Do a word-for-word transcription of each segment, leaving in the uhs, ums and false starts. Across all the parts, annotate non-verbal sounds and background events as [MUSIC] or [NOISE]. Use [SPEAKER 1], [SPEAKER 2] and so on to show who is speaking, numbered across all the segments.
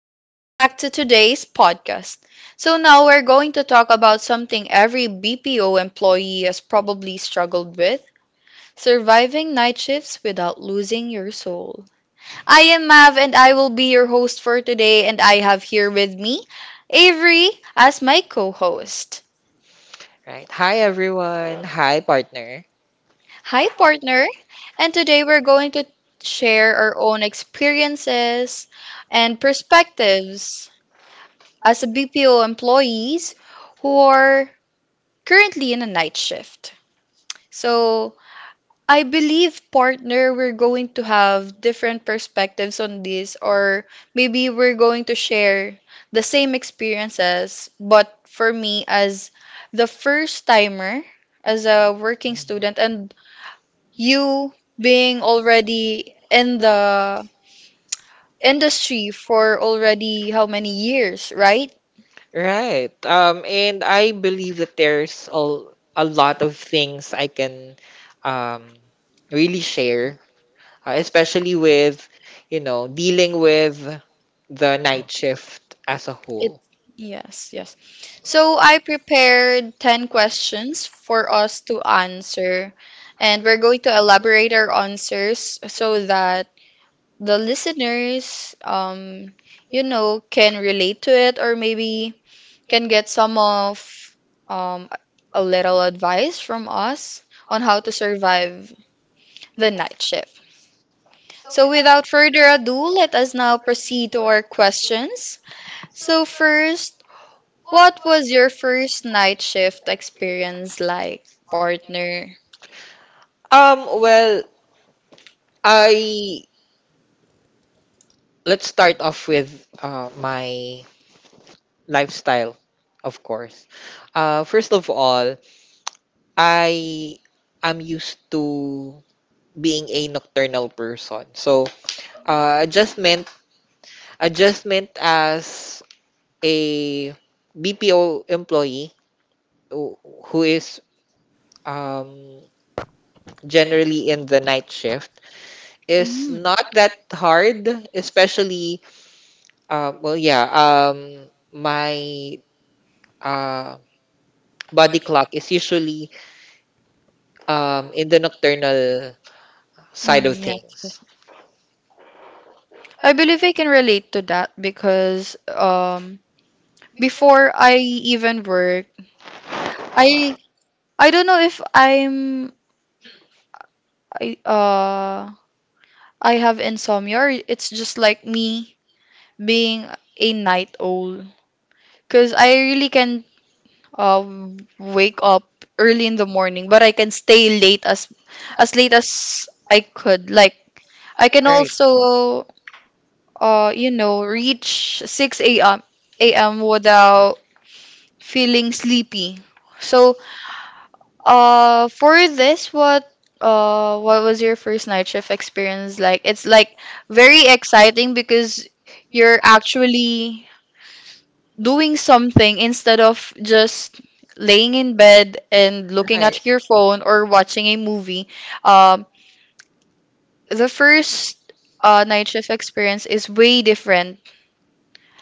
[SPEAKER 1] Welcome back to today's podcast. So, now we're going to talk about something every B P O employee has probably struggled with: surviving night shifts without losing your soul. I am Mav and I will be your host for today, and I have here with me Avery as my co host.
[SPEAKER 2] Right. Hi everyone. Hi partner.
[SPEAKER 1] Hi, partner! And today we're going to share our own experiences and perspectives as a B P O employees who are currently in a night shift. So I believe partner we're going to have different perspectives on this, or maybe we're going to share the same experiences, but for me as the first timer as a working student,
[SPEAKER 2] Mhm.
[SPEAKER 1] and you being already in the industry for already how many years, right?
[SPEAKER 2] Right. Um and I believe that there's a, a lot of things I can um really share, uh, especially with, you know, dealing with the night shift as a
[SPEAKER 1] It
[SPEAKER 2] whole.
[SPEAKER 1] yes, yes. So I prepared ten questions for us to answer, and we're going to elaborate our answers so that the listeners um you know can relate to it, or maybe can get some of um a little advice from us on how to survive the night shift. So without further ado, let us now proceed to our questions. So first, what was your first night shift experience like, partner?
[SPEAKER 2] Um well, I let's start off with uh my lifestyle, of course. Uh first of all, I am used to being a nocturnal person. So, uh, adjustment adjustment as a B P O employee who who is um, generally in the night shift is
[SPEAKER 1] Mm.
[SPEAKER 2] not that hard, especially uh, well, yeah. Um, my uh, body clock is usually um, in the nocturnal side of
[SPEAKER 1] Mm, yeah.
[SPEAKER 2] things.
[SPEAKER 1] I believe I can relate to that because um before I even work, I I don't know if I'm I uh I have insomnia, or it's just like me being a night owl, because I really can uh wake up early in the morning but I can stay late, as as late as I could. Like I can
[SPEAKER 2] Right,
[SPEAKER 1] also, uh, you know, reach six a m. a. m. without feeling sleepy. So, uh, for this, what uh, what was your first night shift experience like? It's like very exciting because you're actually doing something instead of just laying in bed and looking
[SPEAKER 2] right.
[SPEAKER 1] at your phone or watching a movie. Um, the first uh, night shift experience is way different.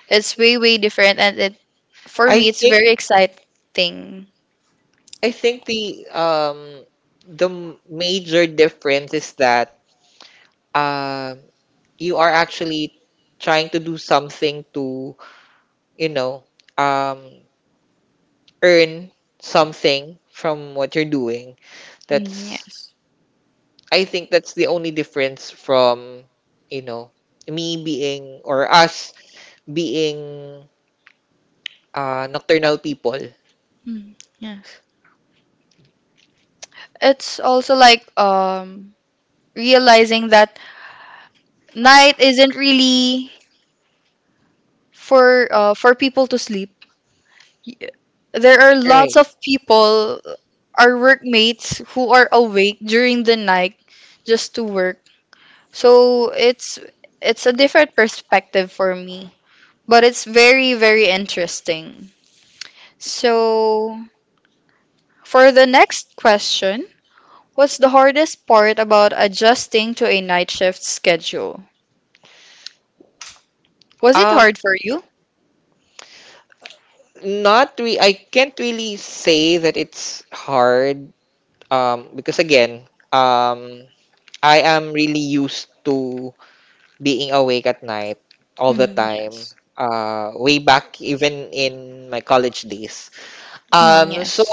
[SPEAKER 1] It's way, way different, and it for
[SPEAKER 2] I
[SPEAKER 1] me, it's
[SPEAKER 2] think
[SPEAKER 1] very exciting.
[SPEAKER 2] I think the um the m- major difference is that um you are actually trying to do something to, you know, um earn something from what you're doing.
[SPEAKER 1] Mm,
[SPEAKER 2] That's
[SPEAKER 1] yes.
[SPEAKER 2] I think that's the only difference from, you know, me being or us being uh nocturnal people.
[SPEAKER 1] Mm, yes. It's also like um realizing that night isn't really for uh for people to sleep. Y- There are lots
[SPEAKER 2] Right.
[SPEAKER 1] of people, our workmates, who are awake during the night just to work. So it's it's a different perspective for me, but it's very, very interesting. So for the next question, what's the hardest part about adjusting to a night shift schedule? Was it
[SPEAKER 2] Um,
[SPEAKER 1] hard for you?
[SPEAKER 2] not re- I can't really say that it's hard. Um, because again, um, I am really used to being awake at night all the
[SPEAKER 1] Mm,
[SPEAKER 2] time.
[SPEAKER 1] yes.
[SPEAKER 2] Uh, way back, even in my college days.
[SPEAKER 1] Mm,
[SPEAKER 2] Um, so
[SPEAKER 1] yes.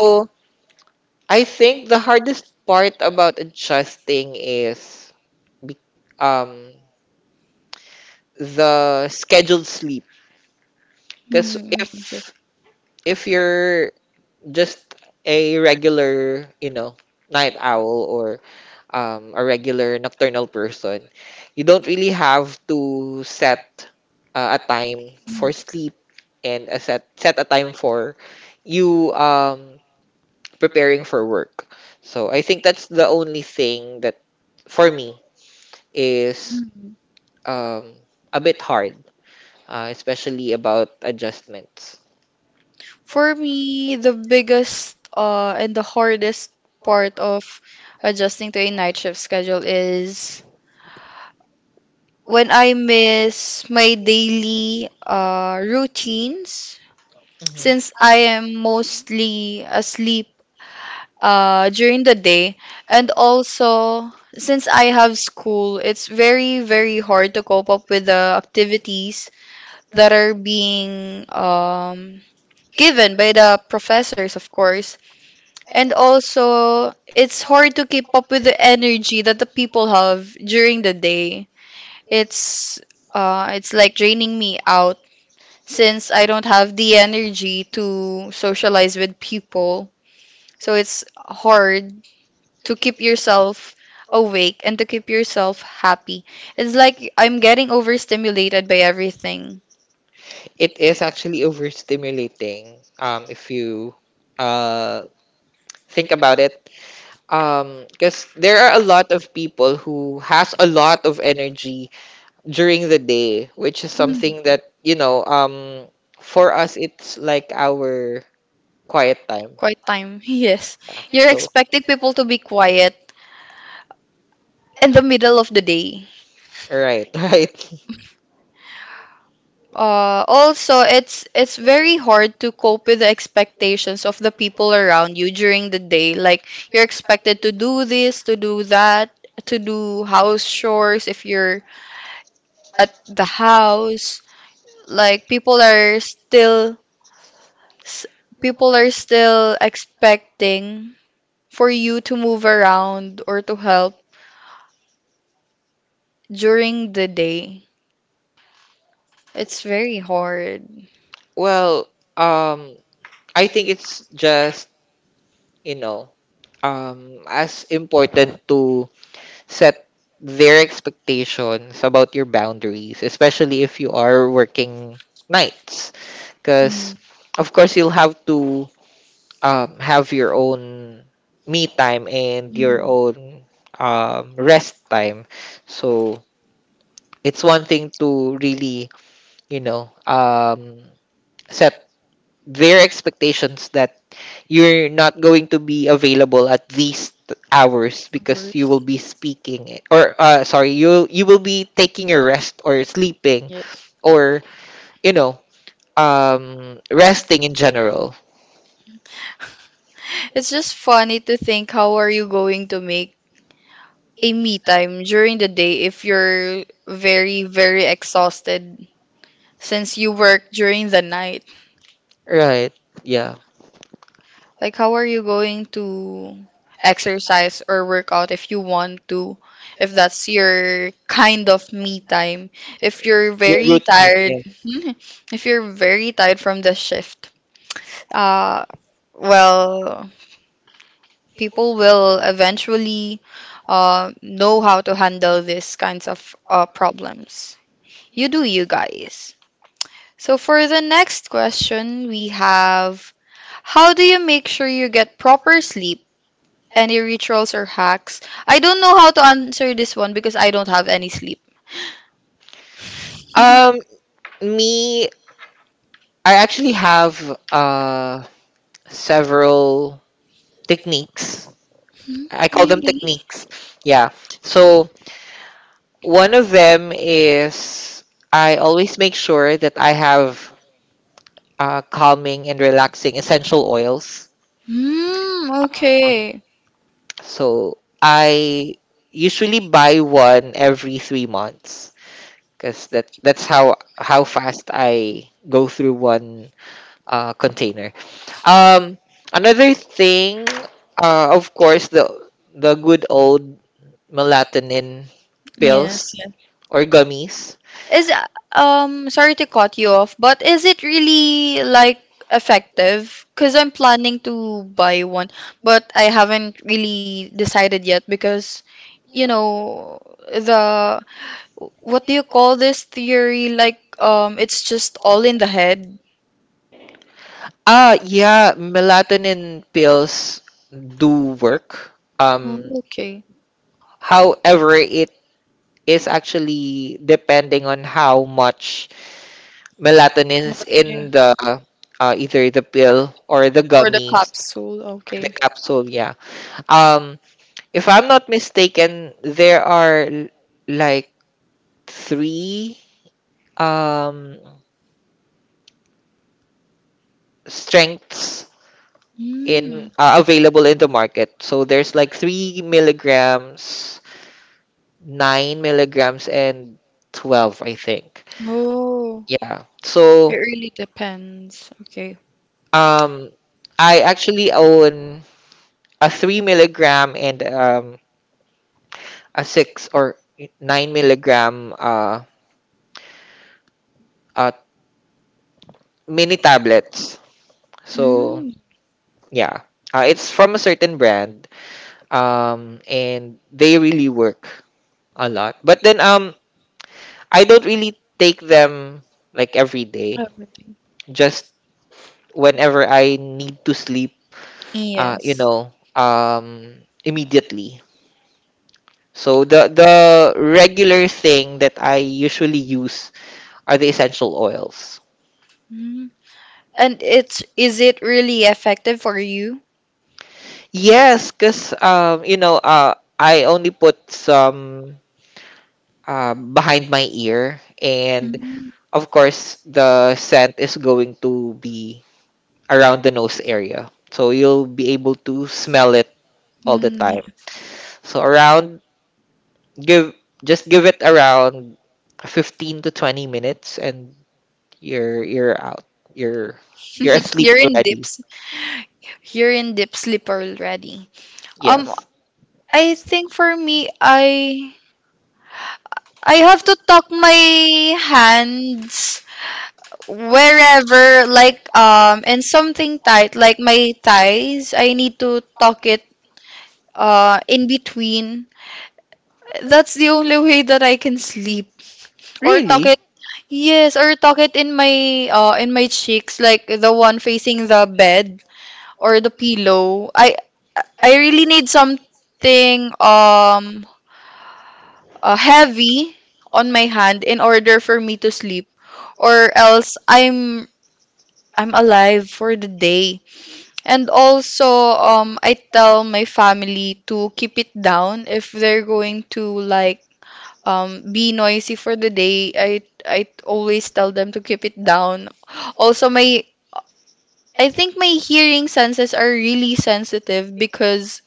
[SPEAKER 2] I think the hardest part about adjusting is be- um the scheduled sleep. Because
[SPEAKER 1] Mm,
[SPEAKER 2] if
[SPEAKER 1] yes.
[SPEAKER 2] if you're just a regular, you know, night owl or um, a regular nocturnal person, you don't really have to set uh, a time for
[SPEAKER 1] Yes.
[SPEAKER 2] sleep and a set set a time for you um, preparing for work. So I think that's the only thing that for me is
[SPEAKER 1] Mm, mm.
[SPEAKER 2] um, a bit hard, uh, especially about adjustments.
[SPEAKER 1] For me, the biggest uh, and the hardest part of adjusting to a night shift schedule is when I miss my daily uh, routines, since I am mostly asleep uh, during the day. And also, since I have school, it's very, very hard to cope up with the activities that are being um, given by the professors, of course. And also, it's hard to keep up with the energy that the people have during the day. It's uh, it's like draining me out, since I don't have the energy to socialize with people. So it's hard to keep yourself awake and to keep yourself happy. It's like I'm getting overstimulated by everything.
[SPEAKER 2] It is actually overstimulating, um, if you uh, think about it, um because there are a lot of people who has a lot of energy during the day, which is something that, you know, um for us it's like our quiet time.
[SPEAKER 1] Quite time. [LAUGHS] Yes.
[SPEAKER 2] Yeah.
[SPEAKER 1] You're
[SPEAKER 2] So
[SPEAKER 1] expecting people to be quiet in the middle of the day.
[SPEAKER 2] right. [LAUGHS] Right.
[SPEAKER 1] Uh, also, it's it's very hard to cope with the expectations of the people around you during the day. Like you're expected to do this, to do that, to do house chores if you're at the house. Like people are still s- people are still expecting for you to move around or to help during the day. It's very hard.
[SPEAKER 2] Well, um I think it's just, you know, um as important to set their expectations about your boundaries, especially if you are working nights.
[SPEAKER 1] Mm-hmm.
[SPEAKER 2] Because of course you'll have to um, have your own me time and your own um, rest time. So it's one thing to really, you know, um, set their expectations that you're not going to be available at these t- hours because you
[SPEAKER 1] Worse.
[SPEAKER 2] will be speaking I- or uh, sorry, you you will be taking your rest or sleeping,
[SPEAKER 1] Yes.
[SPEAKER 2] or, you know, um resting in general.
[SPEAKER 1] It's just funny to think how are you going to make a me time during the day if you're very, very exhausted since you work during the night.
[SPEAKER 2] Right. Yeah.
[SPEAKER 1] Like, how are you going to exercise or work out if you want to? If that's your kind of me time. If you're
[SPEAKER 2] Your
[SPEAKER 1] very
[SPEAKER 2] routine,
[SPEAKER 1] tired,
[SPEAKER 2] yeah.
[SPEAKER 1] [LAUGHS] if you're very tired from the shift, uh, well, people will eventually uh, know how to handle these kinds of uh, problems. You do, you guys. So, for the next question, we have: how do you make sure you get proper sleep? Any rituals or hacks? I don't know how to answer this one because I don't have any sleep.
[SPEAKER 2] Um,
[SPEAKER 1] [LAUGHS]
[SPEAKER 2] me, I actually have uh several techniques.
[SPEAKER 1] Hmm,
[SPEAKER 2] I call them
[SPEAKER 1] really?
[SPEAKER 2] techniques. Yeah. So one of them is, I always make sure that I have uh, calming and relaxing essential oils.
[SPEAKER 1] Mm,
[SPEAKER 2] Um,
[SPEAKER 1] okay.
[SPEAKER 2] so I usually buy one every three months, because that that's how how fast I go through one uh, container. Um, another thing, uh, of course, the the good old melatonin
[SPEAKER 1] Yes,
[SPEAKER 2] pills
[SPEAKER 1] yes.
[SPEAKER 2] or gummies.
[SPEAKER 1] Is uh, um sorry to cut you off, but is it really like effective? Because I'm planning to buy one, but I haven't really decided yet because you know the what do you call this theory? Like um, it's just all in the head.
[SPEAKER 2] Ah, yeah, melatonin pills do work.
[SPEAKER 1] Oh,
[SPEAKER 2] Um,
[SPEAKER 1] okay.
[SPEAKER 2] however, it is actually depending on how much melatonin
[SPEAKER 1] Not
[SPEAKER 2] is in
[SPEAKER 1] there.
[SPEAKER 2] the uh, either the pill or the
[SPEAKER 1] Or the
[SPEAKER 2] gummies
[SPEAKER 1] capsule,
[SPEAKER 2] or the
[SPEAKER 1] okay.
[SPEAKER 2] capsule. Yeah. Um, if I'm not mistaken, there are l- like three um strengths in
[SPEAKER 1] Mm.
[SPEAKER 2] uh, available in the market. So there's like three milligrams, nine milligrams, and twelve, I think.
[SPEAKER 1] Oh,
[SPEAKER 2] Yeah. So
[SPEAKER 1] it really depends. Okay.
[SPEAKER 2] um, I actually own a three milligram and um a six or nine milligram uh, uh mini tablets. So
[SPEAKER 1] Mm.
[SPEAKER 2] yeah. Uh, it's from a certain brand, um, and they really work. A lot. But then um I don't really take them like every day.
[SPEAKER 1] Everything.
[SPEAKER 2] Just whenever I need to sleep, uh you
[SPEAKER 1] Yes.
[SPEAKER 2] know, um immediately. So the the regular thing that I usually use are the essential oils.
[SPEAKER 1] Mm. And it's is it really effective for you?
[SPEAKER 2] Yes, cuz um you know, uh I only put some uh, behind my ear, and
[SPEAKER 1] Mm.
[SPEAKER 2] of course the scent is going to be around the nose area. So you'll be able to smell it all the
[SPEAKER 1] Mm, yeah.
[SPEAKER 2] time. So around give just give it around fifteen to twenty minutes, and you're you're out. You're you're
[SPEAKER 1] [LAUGHS]
[SPEAKER 2] asleep
[SPEAKER 1] You're in
[SPEAKER 2] already.
[SPEAKER 1] dips. You're in deep sleep already. Um,
[SPEAKER 2] Yes.
[SPEAKER 1] I think for me, I I have to tuck my hands wherever, like um in something tight, like my thighs. I need to tuck it uh in between. That's the only way that I can sleep, or tuck
[SPEAKER 2] Really?
[SPEAKER 1] it, yes, or tuck it in my uh in my cheeks, like the one facing the bed or the pillow. I i really need something um uh, heavy on my hand in order for me to sleep, or else i'm i'm alive for the day. And also, um, I tell my family to keep it down if they're going to, like um be noisy for the day. I I always tell them to keep it down. Also, my I think my hearing senses are really sensitive, because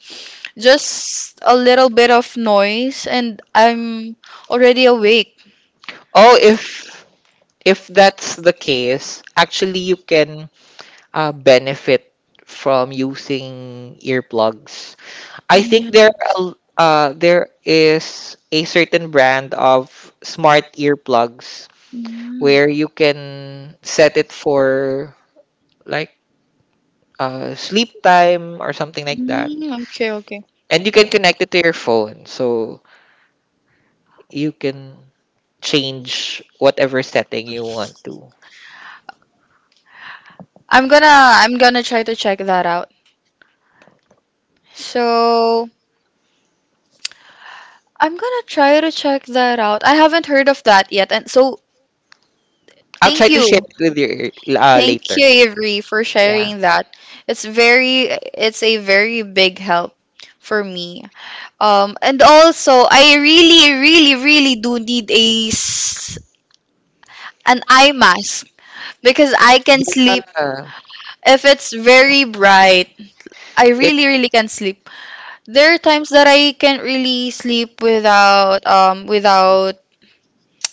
[SPEAKER 1] just a little bit of noise and I'm already awake.
[SPEAKER 2] Oh, if if that's the case, actually you can uh, benefit from using earplugs. I
[SPEAKER 1] Yeah.
[SPEAKER 2] think there are a- uh there is a certain brand of smart earplugs where
[SPEAKER 1] Mm.
[SPEAKER 2] you can set it for like uh sleep time or something like that.
[SPEAKER 1] Mm, okay, okay.
[SPEAKER 2] And you can connect it to your phone, so you can change whatever setting you want to.
[SPEAKER 1] I'm gonna I'm gonna try to check that out. So I'm gonna try to check that out. I haven't heard of that yet, and so
[SPEAKER 2] I'll try
[SPEAKER 1] thank
[SPEAKER 2] to
[SPEAKER 1] you,
[SPEAKER 2] share it with you uh,
[SPEAKER 1] thank
[SPEAKER 2] later.
[SPEAKER 1] you, Avery, for
[SPEAKER 2] Yeah.
[SPEAKER 1] sharing that. It's very it's a very big help for me. Um, and also I really, really, really do need a s- an eye mask, because I can sleep
[SPEAKER 2] Yeah.
[SPEAKER 1] if it's very bright. I
[SPEAKER 2] It
[SPEAKER 1] really, really can sleep. There are times that I can't really sleep without um without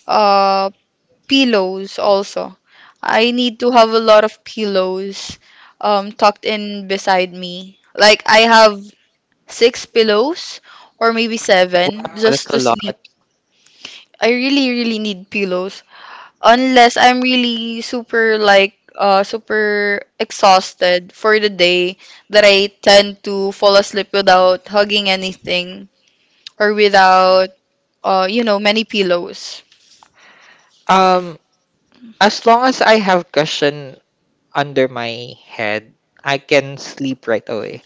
[SPEAKER 1] uh pillows also. I need to have a lot of pillows um tucked in beside me. Like I have six pillows, or maybe
[SPEAKER 2] Wow,
[SPEAKER 1] seven,
[SPEAKER 2] that's
[SPEAKER 1] just
[SPEAKER 2] a
[SPEAKER 1] to
[SPEAKER 2] lot.
[SPEAKER 1] sleep. I really really need pillows, unless I'm really super, like uh super exhausted for the day, that I tend to fall asleep without hugging anything, or without uh, you know, many pillows.
[SPEAKER 2] Um as long as I have question under my head, I can sleep right away.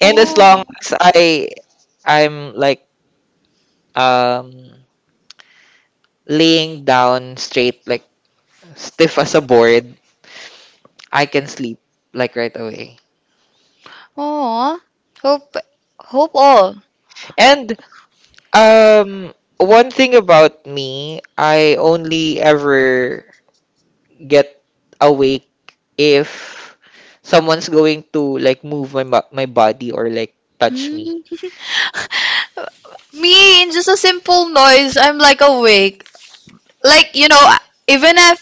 [SPEAKER 2] And as
[SPEAKER 1] Oh,
[SPEAKER 2] long as I I'm like um laying down straight, like stiff as a board, I can sleep like right away.
[SPEAKER 1] oh, hope, hope all.
[SPEAKER 2] And um one thing about me, I only ever get awake if someone's going to like move my bo- my body or like touch me.
[SPEAKER 1] Hmm. [LAUGHS] Me, in just a simple noise, I'm like awake. Like, you know, even if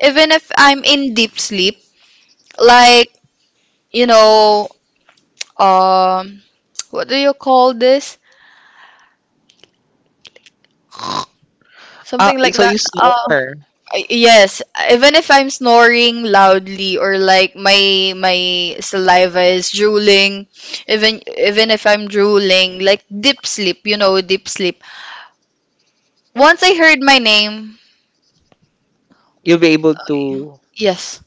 [SPEAKER 1] even if I'm in deep sleep, like, you know, um, what do you call this?
[SPEAKER 2] Ah,
[SPEAKER 1] Something like
[SPEAKER 2] so
[SPEAKER 1] that.
[SPEAKER 2] you
[SPEAKER 1] Uh,
[SPEAKER 2] snore.
[SPEAKER 1] I- Yes, even if I'm snoring loudly, or like my my saliva is drooling, even even if I'm drooling, like deep sleep, you know, deep sleep. Once I heard my name,
[SPEAKER 2] You'll be able to
[SPEAKER 1] yes,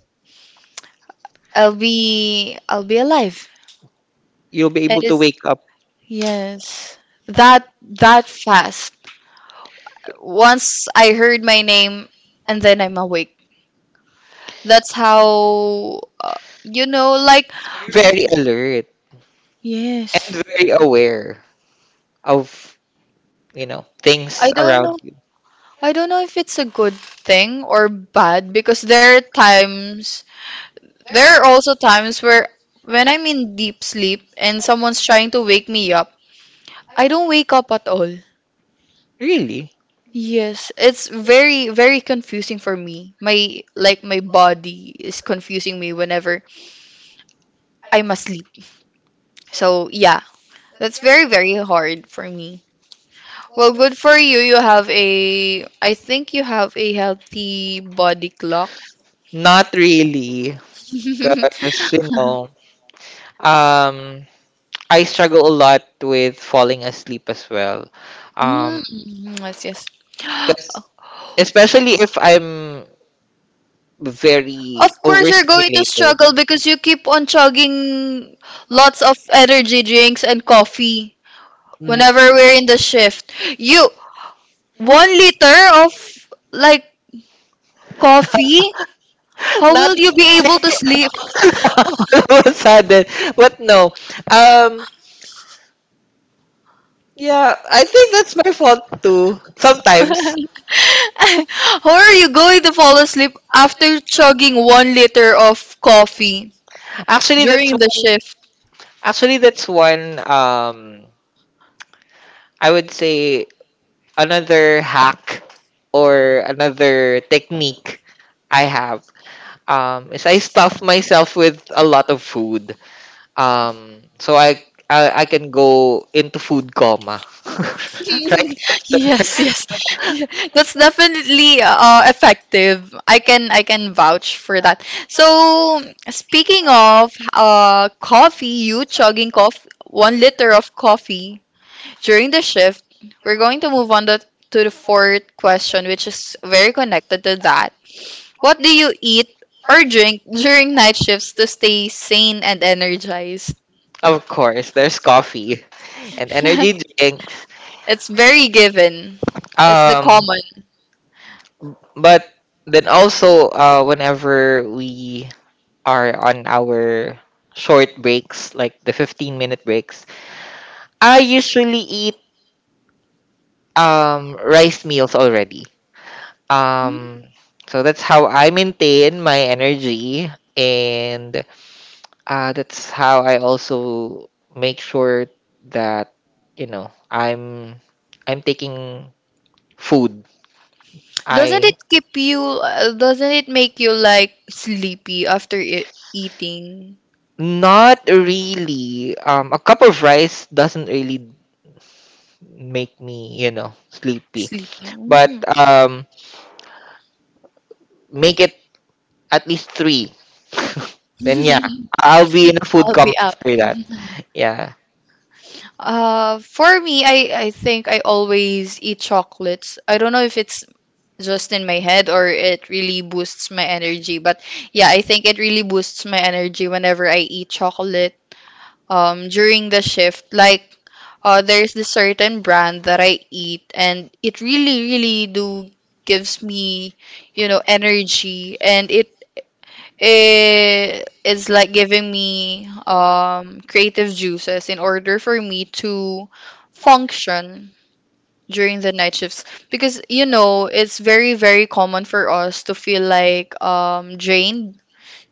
[SPEAKER 1] I'll be I'll be alive.
[SPEAKER 2] you'll be
[SPEAKER 1] It
[SPEAKER 2] able to
[SPEAKER 1] is
[SPEAKER 2] wake up
[SPEAKER 1] yes. That that fast. Once I heard my name, and then I'm awake. That's how uh, you know, like
[SPEAKER 2] very
[SPEAKER 1] w-
[SPEAKER 2] alert
[SPEAKER 1] yes.
[SPEAKER 2] and very aware of, you know,
[SPEAKER 1] I
[SPEAKER 2] things
[SPEAKER 1] don't know.
[SPEAKER 2] around you.
[SPEAKER 1] I don't know if it's a good thing or bad, because there are times, there are also times where when I'm in deep sleep and someone's trying to wake me up, I don't wake up at all.
[SPEAKER 2] Really?
[SPEAKER 1] Yes, it's very, very confusing for me. My, like, my body is confusing me whenever I'm asleep. So, yeah, that's very, very hard for me. Well, good for you. You have a, I think you have a healthy body clock.
[SPEAKER 2] Not really,
[SPEAKER 1] [LAUGHS]
[SPEAKER 2] because you know, um I struggle a lot with falling asleep as well, um
[SPEAKER 1] Mm, yes, yes.
[SPEAKER 2] 'cause especially if I'm very
[SPEAKER 1] Of course, you're going to
[SPEAKER 2] overstimulated. [LAUGHS]
[SPEAKER 1] struggle because you keep on chugging lots of energy drinks and coffee
[SPEAKER 2] Mm.
[SPEAKER 1] whenever we're in the shift. You, one liter of like coffee, how
[SPEAKER 2] not
[SPEAKER 1] will you be able to sleep?
[SPEAKER 2] [LAUGHS] All of a sudden. But no, um yeah, I think that's my fault too.
[SPEAKER 1] [LAUGHS] How
[SPEAKER 2] Sometimes.
[SPEAKER 1] are you going to fall asleep after chugging one liter of coffee
[SPEAKER 2] Actually that's
[SPEAKER 1] during the
[SPEAKER 2] one
[SPEAKER 1] shift?
[SPEAKER 2] Actually, that's one, um I would say, another hack or another technique I have, um is I stuff myself with a lot of food. Um so I, I, I can go into food coma, [LAUGHS] right
[SPEAKER 1] [LAUGHS]
[SPEAKER 2] after.
[SPEAKER 1] Yes, yes. Yeah, that's definitely uh, effective. I can I can vouch for that. So, speaking of uh coffee, you chugging coffee, one liter of coffee during the shift, we're going to move on the to the fourth question, which is very connected to that. What do you eat or drink during night shifts to stay sane and energized?
[SPEAKER 2] Of course, there's coffee and energy
[SPEAKER 1] [LAUGHS]
[SPEAKER 2] drinks.
[SPEAKER 1] It's very given. It's the
[SPEAKER 2] Um
[SPEAKER 1] common.
[SPEAKER 2] But then also, uh, whenever we are on our short breaks, like the fifteen minute breaks, I usually eat um, rice meals already. Um, so that's how I maintain my energy. And uh, that's how I also make sure that, you know, I'm I'm taking food.
[SPEAKER 1] Doesn't
[SPEAKER 2] I
[SPEAKER 1] it keep you, uh, doesn't it make you like sleepy after e- eating?
[SPEAKER 2] Not really, um a cup of rice doesn't really make me, you know, sleepy.
[SPEAKER 1] Sleepy.
[SPEAKER 2] But
[SPEAKER 1] Mm.
[SPEAKER 2] um, make it at least three. [LAUGHS] Then yeah, I'll be in a
[SPEAKER 1] [LAUGHS] I'll
[SPEAKER 2] food coma
[SPEAKER 1] be out.
[SPEAKER 2] after that. Yeah,
[SPEAKER 1] Uh, for me, I, I think I always eat chocolates. I don't know if it's just in my head or it really boosts my energy, but yeah, I think it really boosts my energy whenever I eat chocolate um, during the shift. Like, uh, there's this certain brand that I eat, and it really, really do gives me, you know, energy, and it it is like giving me um creative juices in order for me to function during the night shifts because you know it's very very common for us to feel like um drained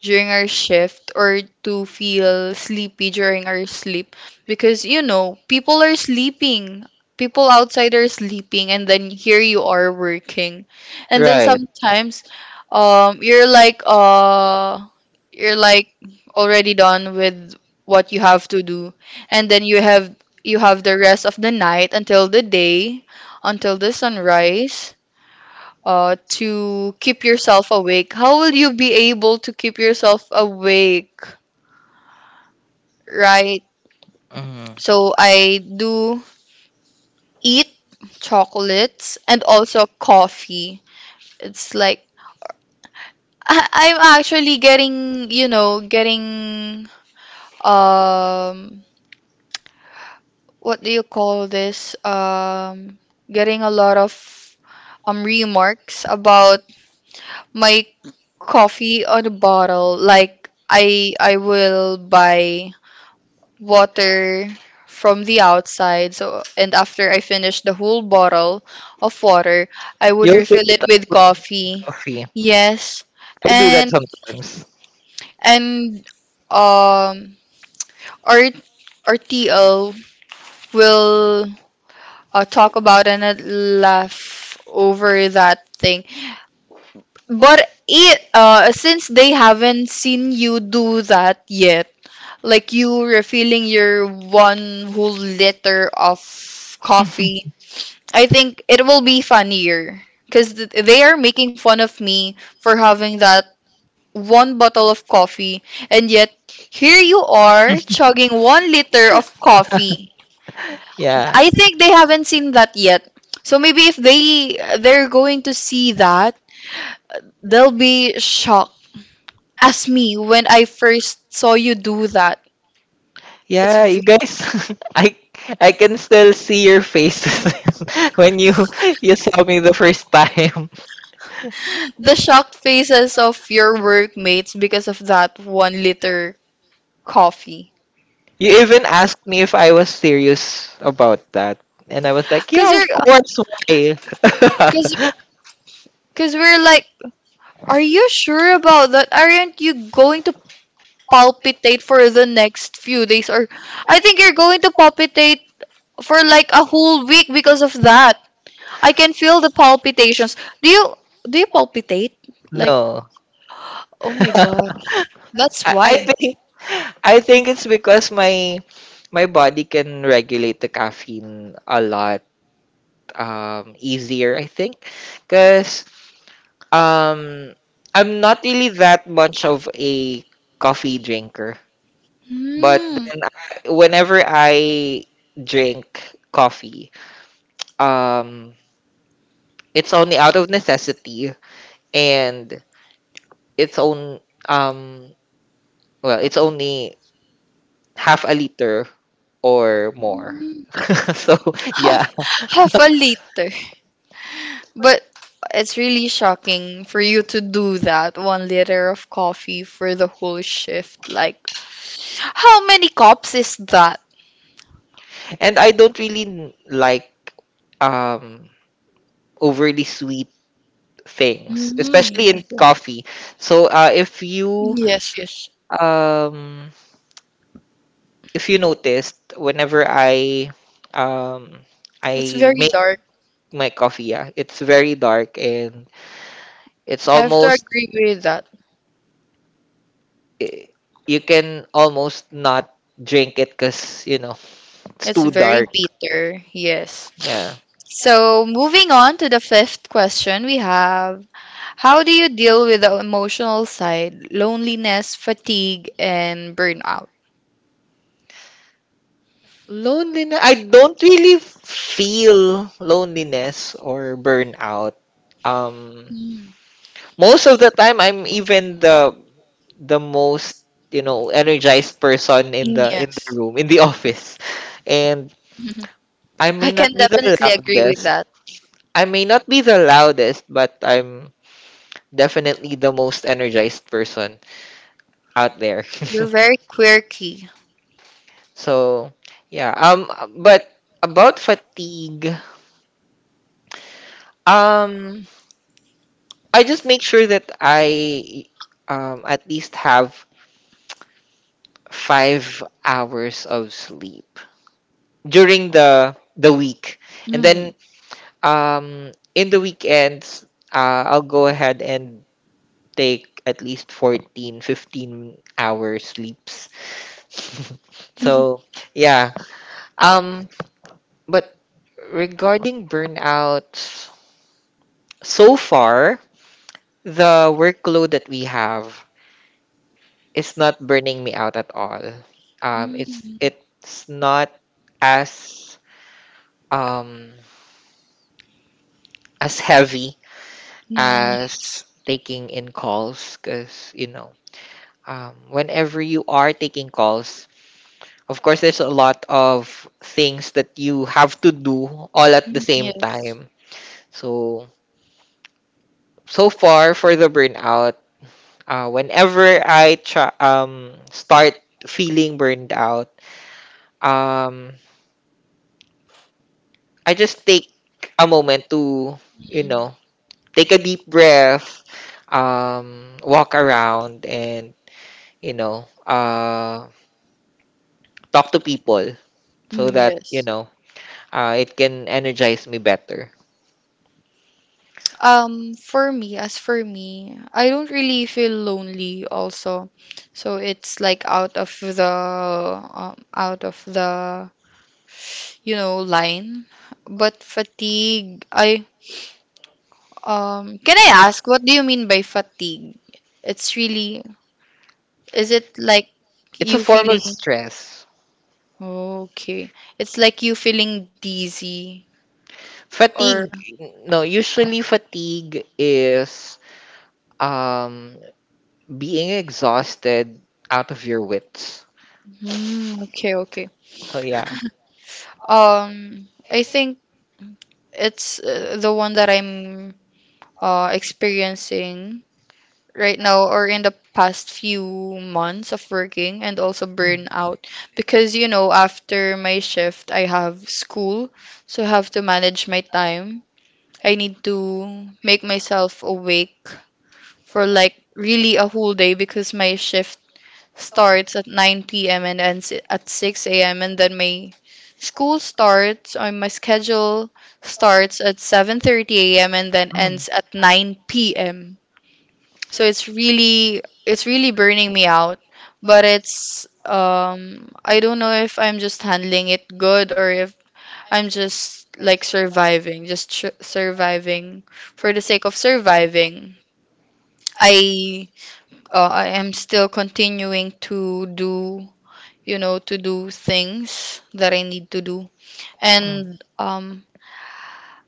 [SPEAKER 1] during our shift or to feel sleepy during our sleep because you know people are sleeping, people outside are sleeping, and then here you are working, and then
[SPEAKER 2] right.
[SPEAKER 1] sometimes um you're like uh you're like already done with what you have to do, and then you have you have the rest of the night until the day, until the sunrise, uh, to keep yourself awake. How will you be able to keep yourself awake, right?
[SPEAKER 2] Mhm.
[SPEAKER 1] So I do eat chocolates and also coffee. It's like [LAUGHS] I- I'm actually getting, you know, getting um what do you call this? Um getting a lot of um remarks about my coffee on a bottle. Like I I will buy water from the outside. So, and after I finish the whole bottle of water, I would
[SPEAKER 2] You'll fill
[SPEAKER 1] refill
[SPEAKER 2] it
[SPEAKER 1] it
[SPEAKER 2] up
[SPEAKER 1] with
[SPEAKER 2] with
[SPEAKER 1] coffee.
[SPEAKER 2] coffee.
[SPEAKER 1] Yes.
[SPEAKER 2] I do that
[SPEAKER 1] And
[SPEAKER 2] sometimes.
[SPEAKER 1] and um our our T L will uh, talk about and uh, laugh over that thing. But it uh since they haven't seen you do that yet, like you refilling your one whole liter of coffee, I think it will be funnier because th- they are making fun of me for having that one bottle of coffee, and yet here you are chugging one liter of coffee.
[SPEAKER 2] Yeah.
[SPEAKER 1] I think they haven't seen that yet. So maybe if they they're going to see that, they'll be shocked as me when I first saw you do that. It's
[SPEAKER 2] Yeah, you
[SPEAKER 1] very
[SPEAKER 2] guys, [LAUGHS] I I can still see your faces [LAUGHS] when you you saw me the first time. [LAUGHS]
[SPEAKER 1] the shocked faces of your workmates because of that one liter coffee.
[SPEAKER 2] You even asked me if I was serious about that, and I was like,
[SPEAKER 1] Cause
[SPEAKER 2] "Yeah, of
[SPEAKER 1] you're,
[SPEAKER 2] course, why?"
[SPEAKER 1] cause,
[SPEAKER 2] [LAUGHS]
[SPEAKER 1] cause we're like, are you sure about that? Aren't you going to palpitate for the next few days? Or I think you're going to palpitate for like a whole week because of that. I can feel the palpitations. Do you, do you palpitate? Like,
[SPEAKER 2] No,
[SPEAKER 1] oh my gosh, that's
[SPEAKER 2] I, I
[SPEAKER 1] why.
[SPEAKER 2] think I think it's because my my body can regulate the caffeine a lot um easier. I think because, Um, I'm not really that much of a coffee drinker, but
[SPEAKER 1] Hmm.
[SPEAKER 2] then I- whenever I drink coffee, um, it's only out of necessity, and it's on um, well, it's only half a liter or more. [LAUGHS] So
[SPEAKER 1] Half,
[SPEAKER 2] yeah,
[SPEAKER 1] half a liter. But it's really shocking for you to do that one liter of coffee for the whole shift. Like, how many cups is that?
[SPEAKER 2] and I don't really n- like um overly sweet things,
[SPEAKER 1] Mm,
[SPEAKER 2] especially in
[SPEAKER 1] yes,
[SPEAKER 2] coffee. So uh, if you
[SPEAKER 1] yes, yes, yes.
[SPEAKER 2] um if you noticed, whenever i um
[SPEAKER 1] It's
[SPEAKER 2] i
[SPEAKER 1] very
[SPEAKER 2] make
[SPEAKER 1] dark.
[SPEAKER 2] my coffee, yeah, it's very dark, and it's
[SPEAKER 1] I have to
[SPEAKER 2] almost,
[SPEAKER 1] agree with that.
[SPEAKER 2] eh, you can almost not drink it because, you know, it's
[SPEAKER 1] It's
[SPEAKER 2] too
[SPEAKER 1] very
[SPEAKER 2] dark.
[SPEAKER 1] bitter,
[SPEAKER 2] Yeah.
[SPEAKER 1] yes. So, moving on to the fifth question, we have how do you deal with the emotional side, loneliness, fatigue, and burnout?
[SPEAKER 2] loneliness I don't really feel loneliness or burnout, um
[SPEAKER 1] Mm,
[SPEAKER 2] most of the time I'm even the the most, you know, energized person in the, in the
[SPEAKER 1] yes.
[SPEAKER 2] room, in the [LAUGHS] office. And
[SPEAKER 1] [LAUGHS]
[SPEAKER 2] i may
[SPEAKER 1] I
[SPEAKER 2] not
[SPEAKER 1] can
[SPEAKER 2] be the
[SPEAKER 1] definitely agree with
[SPEAKER 2] loudest
[SPEAKER 1] that.
[SPEAKER 2] I may not be the loudest, but I'm definitely the most energized person out there.
[SPEAKER 1] You're very quirky.
[SPEAKER 2] [LAUGHS] So yeah. Um but about fatigue, um I just make sure that I um at least have five hours of sleep during the the week. And
[SPEAKER 1] Mm.
[SPEAKER 2] then, Um, in the weekends, uh, I'll go ahead and take at least fourteen, fifteen 15 hour sleeps. [LAUGHS] So,
[SPEAKER 1] [LAUGHS]
[SPEAKER 2] yeah. Um, but regarding burnouts, so far, the workload that we have is not burning me out at all. Um, it's
[SPEAKER 1] Mm.
[SPEAKER 2] it's not as, um as heavy
[SPEAKER 1] Mm.
[SPEAKER 2] as
[SPEAKER 1] Yes.
[SPEAKER 2] taking in calls, because you know, um, whenever you are taking calls, of course, there's a lot of things that you have to do all at the
[SPEAKER 1] Mm,
[SPEAKER 2] same
[SPEAKER 1] yes.
[SPEAKER 2] time. So, so far for the burnout, uh, whenever I try, um, start feeling burned out, um, I just take a moment to, you
[SPEAKER 1] Mm.
[SPEAKER 2] know, take a deep breath, um, walk around, and, you know, uh, talk to people so
[SPEAKER 1] Mm,
[SPEAKER 2] that, you
[SPEAKER 1] yes.
[SPEAKER 2] know, Uh, it can energize me better.
[SPEAKER 1] Um, for me, as for me, I don't really feel lonely also. So it's like out of the um, out of the you know line. But fatigue, I Um, can I ask, what do you mean by fatigue? It's really, is it like
[SPEAKER 2] It's a
[SPEAKER 1] you
[SPEAKER 2] form
[SPEAKER 1] feeling,
[SPEAKER 2] of stress.
[SPEAKER 1] okay, it's like you feeling dizzy or,
[SPEAKER 2] Fatigue, no, usually fatigue is, um, being exhausted out of your wits.
[SPEAKER 1] hmm, okay, okay.
[SPEAKER 2] So, yeah.
[SPEAKER 1] Um, I think it's uh, the one that I'm uh experiencing right now or in the past few months of working, and also
[SPEAKER 2] Mm,
[SPEAKER 1] burnout because you know after my shift I have school, so I have to manage my time. I need to make myself awake for like really a whole day because my shift starts at nine p m and ends at six a m, and then my school starts or my schedule starts at seven thirty a m and then
[SPEAKER 2] mm,
[SPEAKER 1] ends at nine p m. So it's really, it's really burning me out. But it's um I don't know if I'm just handling it good or if I'm just like surviving, just tr surviving for the sake of surviving. I uh, I am still continuing to do, you know, to do things that I need to do.
[SPEAKER 2] mm.
[SPEAKER 1] And um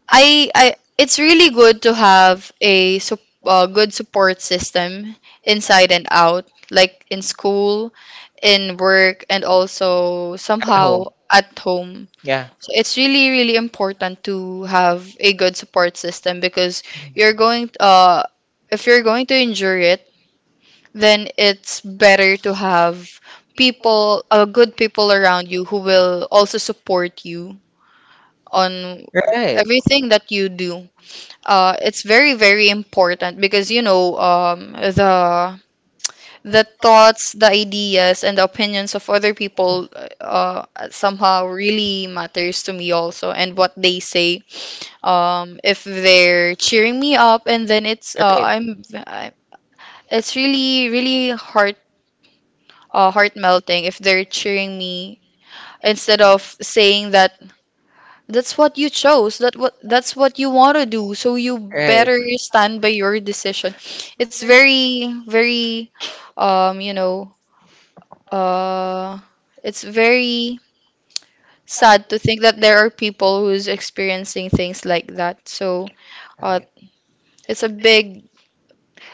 [SPEAKER 1] I I it's really good to have a sup- uh, good support system inside and out, like in school, in work, and also
[SPEAKER 2] At home.
[SPEAKER 1] somehow at home.
[SPEAKER 2] Yeah.
[SPEAKER 1] So it's really really important to have a good support system because you're going uh if you're going to endure it, then it's better to have people uh, good people around you who will also support you on
[SPEAKER 2] Right. Right.
[SPEAKER 1] everything that you do. uh, it's very very important because you know um, the the thoughts, the ideas, and the opinions of other people uh, somehow really matters to me also, and what they say, um, if they're cheering me up, and then it's uh, I'm I- it's really really heart uh, heart melting if they're cheering me instead of saying that that's what you chose. That what that's what you want to do. So you
[SPEAKER 2] Right.
[SPEAKER 1] better stand by your decision. It's very very um you know uh it's very sad to think that there are people who's experiencing things like that. So uh
[SPEAKER 2] Right.
[SPEAKER 1] it's a big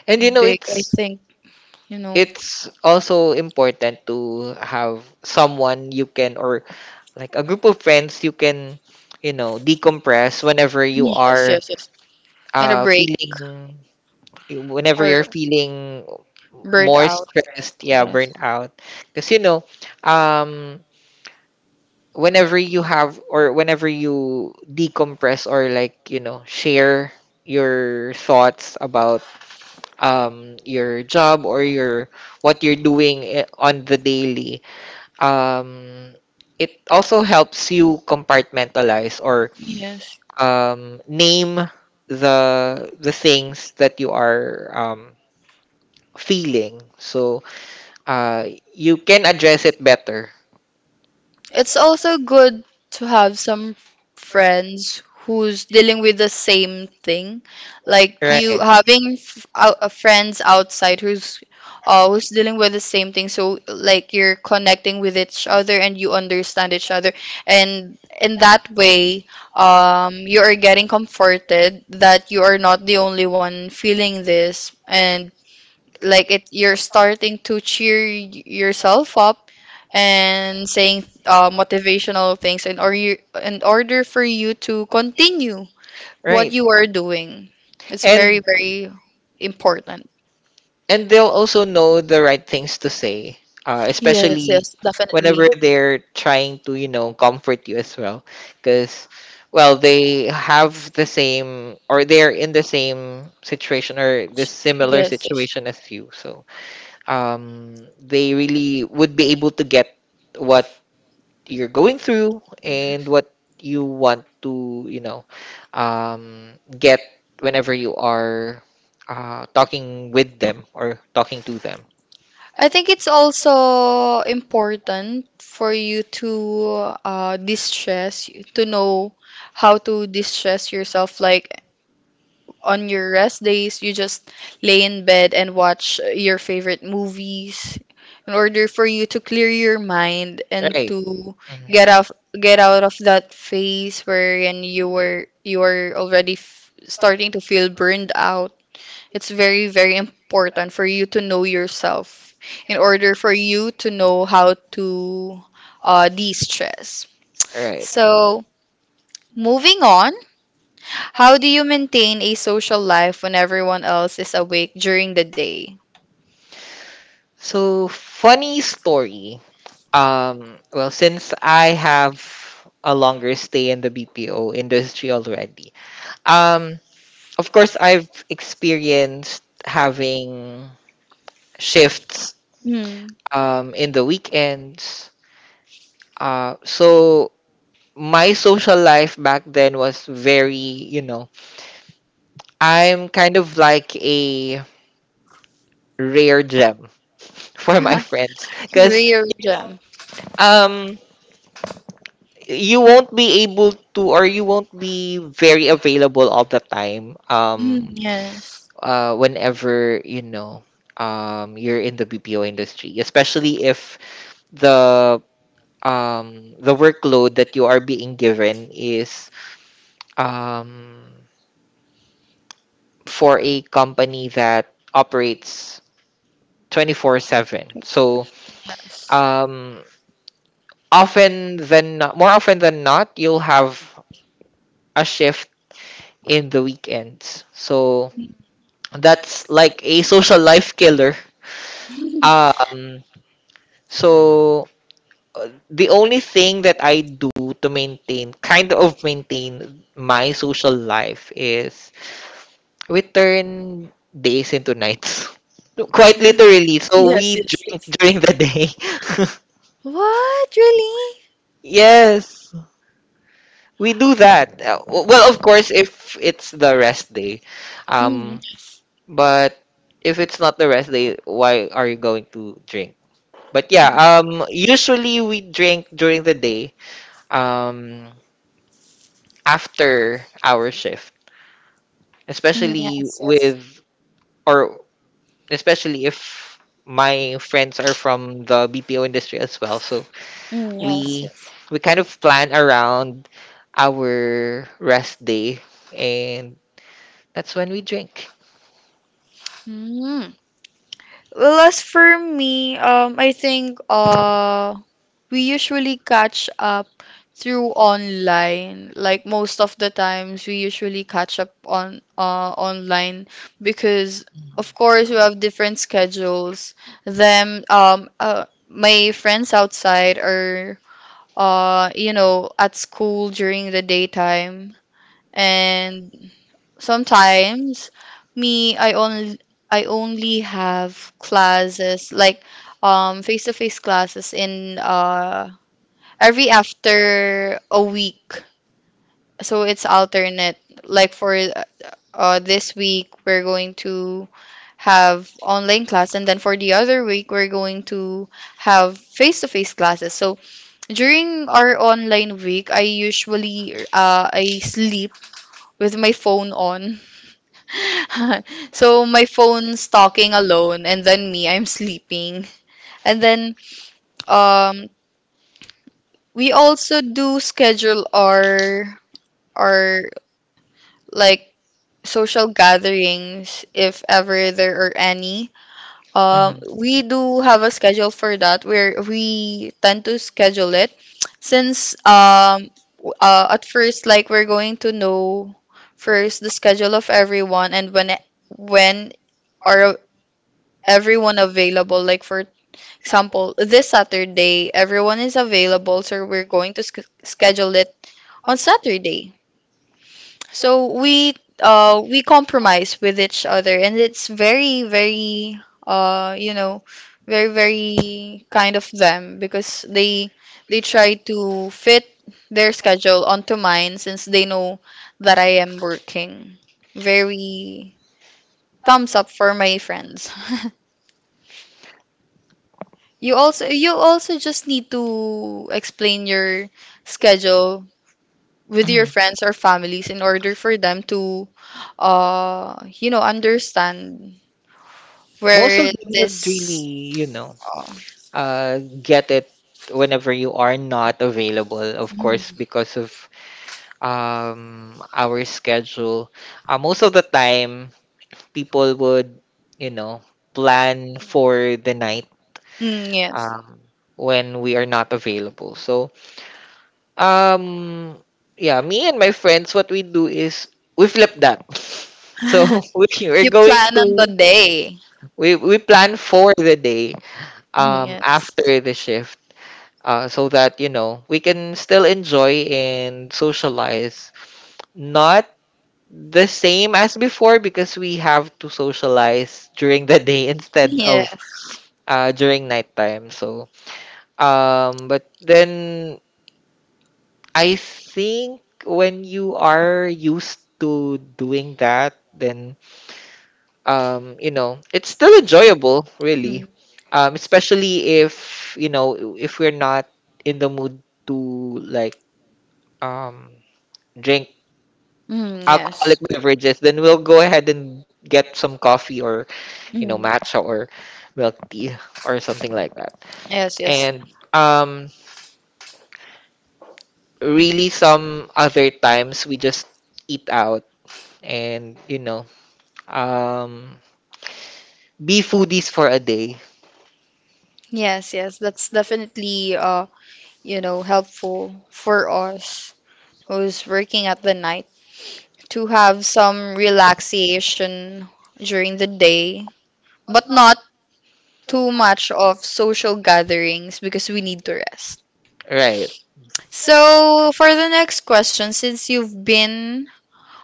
[SPEAKER 2] And you know,
[SPEAKER 1] big, I
[SPEAKER 2] it's
[SPEAKER 1] think, you know.
[SPEAKER 2] it's also important to have someone you can or like a group of friends you can you know decompress whenever you
[SPEAKER 1] Yes,
[SPEAKER 2] are
[SPEAKER 1] yes, yes. And a
[SPEAKER 2] uh
[SPEAKER 1] break
[SPEAKER 2] feeling whenever
[SPEAKER 1] or
[SPEAKER 2] you're feeling
[SPEAKER 1] burnt
[SPEAKER 2] more
[SPEAKER 1] out.
[SPEAKER 2] stressed, yeah, burnt
[SPEAKER 1] Yes.
[SPEAKER 2] out because you know um whenever you have or whenever you decompress or like you know share your thoughts about um your job or your what you're doing i- on the daily. um it also helps you compartmentalize or
[SPEAKER 1] Yes.
[SPEAKER 2] um name the the things that you are um feeling so uh you can address it better.
[SPEAKER 1] It's also good to have some friends who's dealing with the same thing. Like you
[SPEAKER 2] right
[SPEAKER 1] having f- ou- uh, friends outside who's uh, who's dealing with the same thing. So like you're connecting with each other and you understand each other. And in that way, um, you are getting comforted that you are not the only one feeling this, and like it you're starting to cheer y- yourself up and saying uh, motivational things in or you in order for you to continue what
[SPEAKER 2] right
[SPEAKER 1] you are doing. It's very,
[SPEAKER 2] and
[SPEAKER 1] very important.
[SPEAKER 2] and they'll also know the right things to say, uh,
[SPEAKER 1] Yes,
[SPEAKER 2] especially
[SPEAKER 1] yes,
[SPEAKER 2] whenever
[SPEAKER 1] definitely.
[SPEAKER 2] they're trying to you know comfort you as well because well they have the same or they're in the same situation or this similar
[SPEAKER 1] Yes, yes.
[SPEAKER 2] situation as you. So um they really would be able to get what you're going through and what you want to, you know, um, get whenever you are uh, talking with them or talking to them.
[SPEAKER 1] I think it's also important for you to uh, distress, to know how to distress yourself. Like on your rest days, you just lay in bed and watch your favorite movies in order for you to clear your mind and
[SPEAKER 2] Right.
[SPEAKER 1] to
[SPEAKER 2] Mhm.
[SPEAKER 1] get out get out of that phase wherein you were you are already f starting to feel burned out. It's very, very important for you to know yourself in order for you to know how to uh, de-stress.
[SPEAKER 2] Right.
[SPEAKER 1] So, moving on. How do you maintain a social life when everyone else is awake during the day?
[SPEAKER 2] So funny story. Um, well, since I have a longer stay in the B P O industry already, um, of course I've experienced having shifts
[SPEAKER 1] Hmm.
[SPEAKER 2] um in the weekends. Uh, so my social life back then was very, you know, I'm kind of like a rare gem [LAUGHS] for my friends
[SPEAKER 1] [LAUGHS]
[SPEAKER 2] because
[SPEAKER 1] Real gem.
[SPEAKER 2] um you won't be able to or you won't be very available all the time.
[SPEAKER 1] Mm,
[SPEAKER 2] Um
[SPEAKER 1] yes.
[SPEAKER 2] uh whenever you know um you're in the B P O industry, especially if the um the workload that you are being given is um for a company that operates twenty-four seven. So,
[SPEAKER 1] Yes.
[SPEAKER 2] um, often than not, more often than not, you'll have a shift in the weekends. So
[SPEAKER 1] Mm.
[SPEAKER 2] that's like a social life killer.
[SPEAKER 1] [LAUGHS]
[SPEAKER 2] Um, so uh, the only thing that I do to maintain, kind of maintain my social life is we turn days into nights. [LAUGHS] Quite literally. So
[SPEAKER 1] Yes,
[SPEAKER 2] we
[SPEAKER 1] yes,
[SPEAKER 2] drink
[SPEAKER 1] yes.
[SPEAKER 2] during the day.
[SPEAKER 1] What? Really?
[SPEAKER 2] [LAUGHS] Yes. We do that. Uh, w- Well, of course, if it's the rest day.
[SPEAKER 1] Mm.
[SPEAKER 2] Um, but if it's not the rest day, why are you going to drink? But yeah, um, usually we drink during the day, um, after our shift,
[SPEAKER 1] Mm,
[SPEAKER 2] especially
[SPEAKER 1] yes, yes.
[SPEAKER 2] with or especially if my friends are from the B P O industry as well. So
[SPEAKER 1] Mm, yes,
[SPEAKER 2] we
[SPEAKER 1] yes.
[SPEAKER 2] we kind of plan around our rest day, and that's when we drink.
[SPEAKER 1] Mm. Well, as for me, um, I think uh we usually catch up through online. Like most of the times, we usually catch up on uh online because of course we have different schedules. Them um uh, my friends outside are uh you know at school during the daytime, and sometimes me I only I only have classes like um face to face classes in uh every after a week. So it's alternate. Like for uh, uh, this week, we're going to have online class, and then for the other week, we're going to have face-to-face classes. So during our online week, I usually uh, I sleep with my phone on. [LAUGHS] So my phone's talking alone, and then me, I'm sleeping. And then um, we also do schedule our our like social gatherings if ever there are any. Um, we do have a schedule for that where we tend to schedule it since um w- uh, at first like we're going to know first the schedule of everyone and when e- when are everyone available, like for example this Saturday everyone is available, so we're going to sch schedule it on Saturday. So we uh we compromise with each other, and it's very very uh you know very very kind of them because they they try to fit their schedule onto mine since they know that I am working. Very thumbs up for my friends. [LAUGHS] You also you also just need to explain your schedule with your friends or families in order for them to uh you know understand
[SPEAKER 2] Most of
[SPEAKER 1] where
[SPEAKER 2] them would
[SPEAKER 1] this
[SPEAKER 2] really, you know,
[SPEAKER 1] uh,
[SPEAKER 2] uh, get it whenever you are not available, of
[SPEAKER 1] mm,
[SPEAKER 2] course, because of um, our schedule. Uh, most of the time, people would, you know, plan for the night,
[SPEAKER 1] mm, yes.
[SPEAKER 2] um, when we are not available. So, um, yeah, me and my friends, what we do is we flip that. [LAUGHS] So [LAUGHS] we
[SPEAKER 1] [LAUGHS]
[SPEAKER 2] are
[SPEAKER 1] You
[SPEAKER 2] going
[SPEAKER 1] plan on the
[SPEAKER 2] to
[SPEAKER 1] day.
[SPEAKER 2] we we plan for the day um
[SPEAKER 1] Yes,
[SPEAKER 2] after the shift uh so that you know we can still enjoy and socialize, not the same as before because we have to socialize during the day [LAUGHS] instead of
[SPEAKER 1] yes.
[SPEAKER 2] uh, during nighttime. So, um, but then I think when you are used to doing that, then um, you know, it's still enjoyable, really.
[SPEAKER 1] Mm,
[SPEAKER 2] Um, especially if you know if we're not in the mood to like um drink
[SPEAKER 1] mm,
[SPEAKER 2] alcoholic
[SPEAKER 1] yes.
[SPEAKER 2] beverages, then we'll go ahead and get some coffee or you know
[SPEAKER 1] Mm,
[SPEAKER 2] matcha or milk tea or something like that.
[SPEAKER 1] yes, yes.
[SPEAKER 2] And um really some other times we just eat out and you know um be foodies for a day.
[SPEAKER 1] Yes, yes. That's definitely uh, you know, helpful for us who's working at the night, to have some relaxation during the day, but not too much of social gatherings because we need to rest.
[SPEAKER 2] right
[SPEAKER 1] So, for the next question, since you've been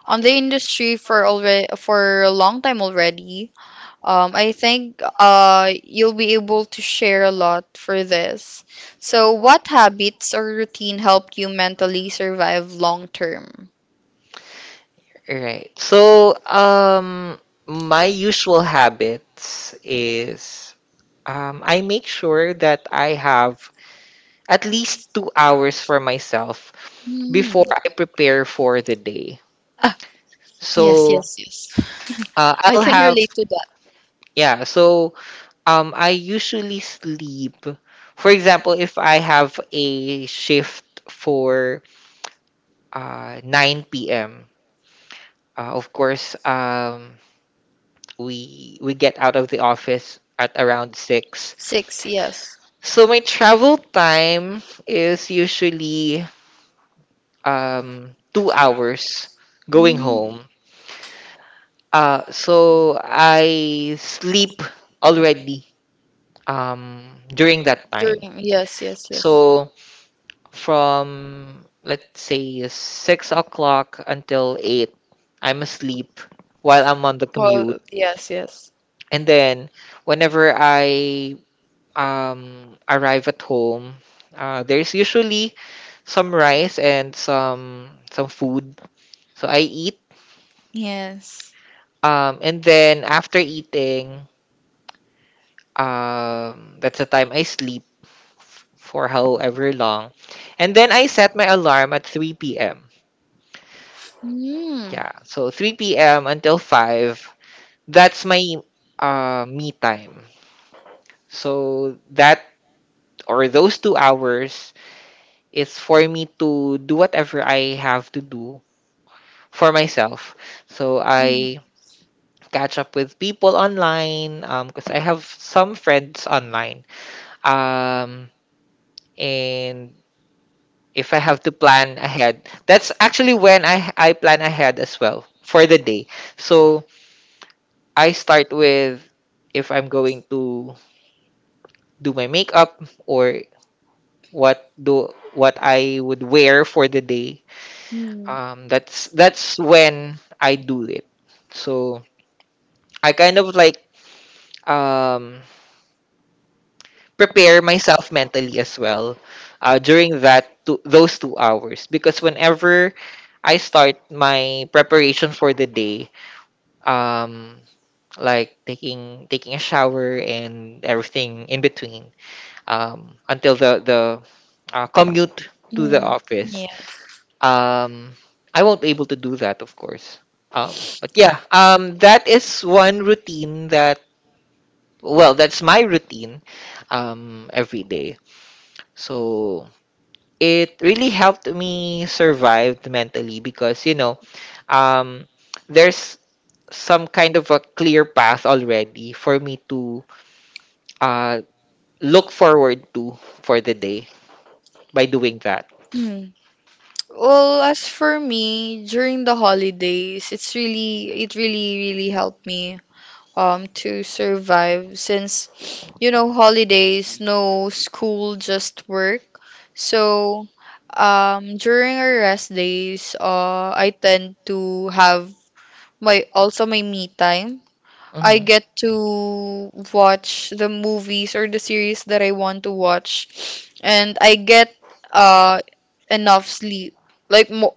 [SPEAKER 1] on the industry for already for a long time already, um, I think uh, you'll be able to share a lot for this. So, what habits or routine helped you mentally survive long term?
[SPEAKER 2] right so um my usual habits is um I make sure that I have at least two hours for myself
[SPEAKER 1] Hmm.
[SPEAKER 2] before I prepare for the day.
[SPEAKER 1] Ah, yes,
[SPEAKER 2] So
[SPEAKER 1] yes, yes.
[SPEAKER 2] uh,
[SPEAKER 1] I
[SPEAKER 2] I'll
[SPEAKER 1] can
[SPEAKER 2] have
[SPEAKER 1] relate to that.
[SPEAKER 2] Yeah, so Um, I usually sleep. For example, if I have a shift for uh, nine p m, uh, of course, um, we we get out of the office at around six.
[SPEAKER 1] Six, yes.
[SPEAKER 2] So my travel time is usually um, two hours going
[SPEAKER 1] Mm.
[SPEAKER 2] home. Uh, so I sleep already um, during that time.
[SPEAKER 1] During, yes, yes, yes.
[SPEAKER 2] So from let's say six o'clock until eight, I'm asleep while I'm on the commute.
[SPEAKER 1] Well, yes, yes.
[SPEAKER 2] And then whenever I um arrive at home, uh, there's usually some rice and some some food. So I eat.
[SPEAKER 1] Yes.
[SPEAKER 2] Um, and then after eating, um, that's the time I sleep f- for however long. And then I set my alarm at three p m.
[SPEAKER 1] Mm.
[SPEAKER 2] Yeah, so three p m until five. That's my uh, me time. So that or those two hours is for me to do whatever I have to do for myself. So
[SPEAKER 1] Mm,
[SPEAKER 2] I catch up with people online because I have some friends online. Um, and if I have to plan ahead, that's actually when I I plan ahead as well for the day. So I start with if I'm going to do my makeup or what do what I would wear for the day.
[SPEAKER 1] mm,
[SPEAKER 2] Um, that's that's when I do it. So I kind of like um prepare myself mentally as well uh, during that two, those two hours because whenever I start my preparation for the day, um, like taking taking a shower and everything in between, um, until the the uh, commute to the
[SPEAKER 1] mm,
[SPEAKER 2] office.
[SPEAKER 1] yeah.
[SPEAKER 2] Um, I won't be able to do that, of course. Um, but yeah, um, that is one routine that, well, that's my routine um, every day. So it really helped me survive mentally because, you know, um, there's some kind of a clear path already for me to uh, look forward to for the day by doing that.
[SPEAKER 1] Mm. Well, as for me, during the holidays, it's really, it really, really helped me um to survive since you know holidays, no school, just work. So um during our rest days, uh I tend to have my also my me time. I
[SPEAKER 2] Hmm.
[SPEAKER 1] get to watch the movies or the series that I want to watch, and I get uh enough sleep. Like mo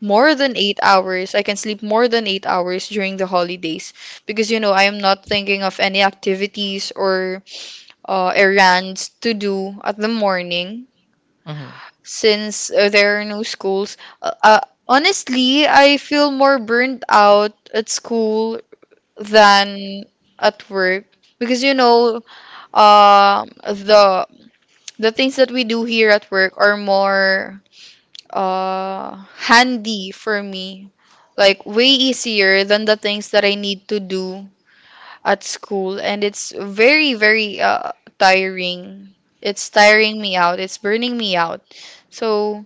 [SPEAKER 1] more than eight hours. I can sleep more than eight hours during the holidays because you know I am not thinking of any activities or uh, errands to do at the morning
[SPEAKER 2] Hmm.
[SPEAKER 1] since uh, there are no schools. Uh, uh, honestly, I feel more burnt out at school than at work, because you know um the the things that we do here at work are more uh handy for me, like way easier than the things that I need to do at school. And it's very very uh tiring. It's tiring me out, it's burning me out. So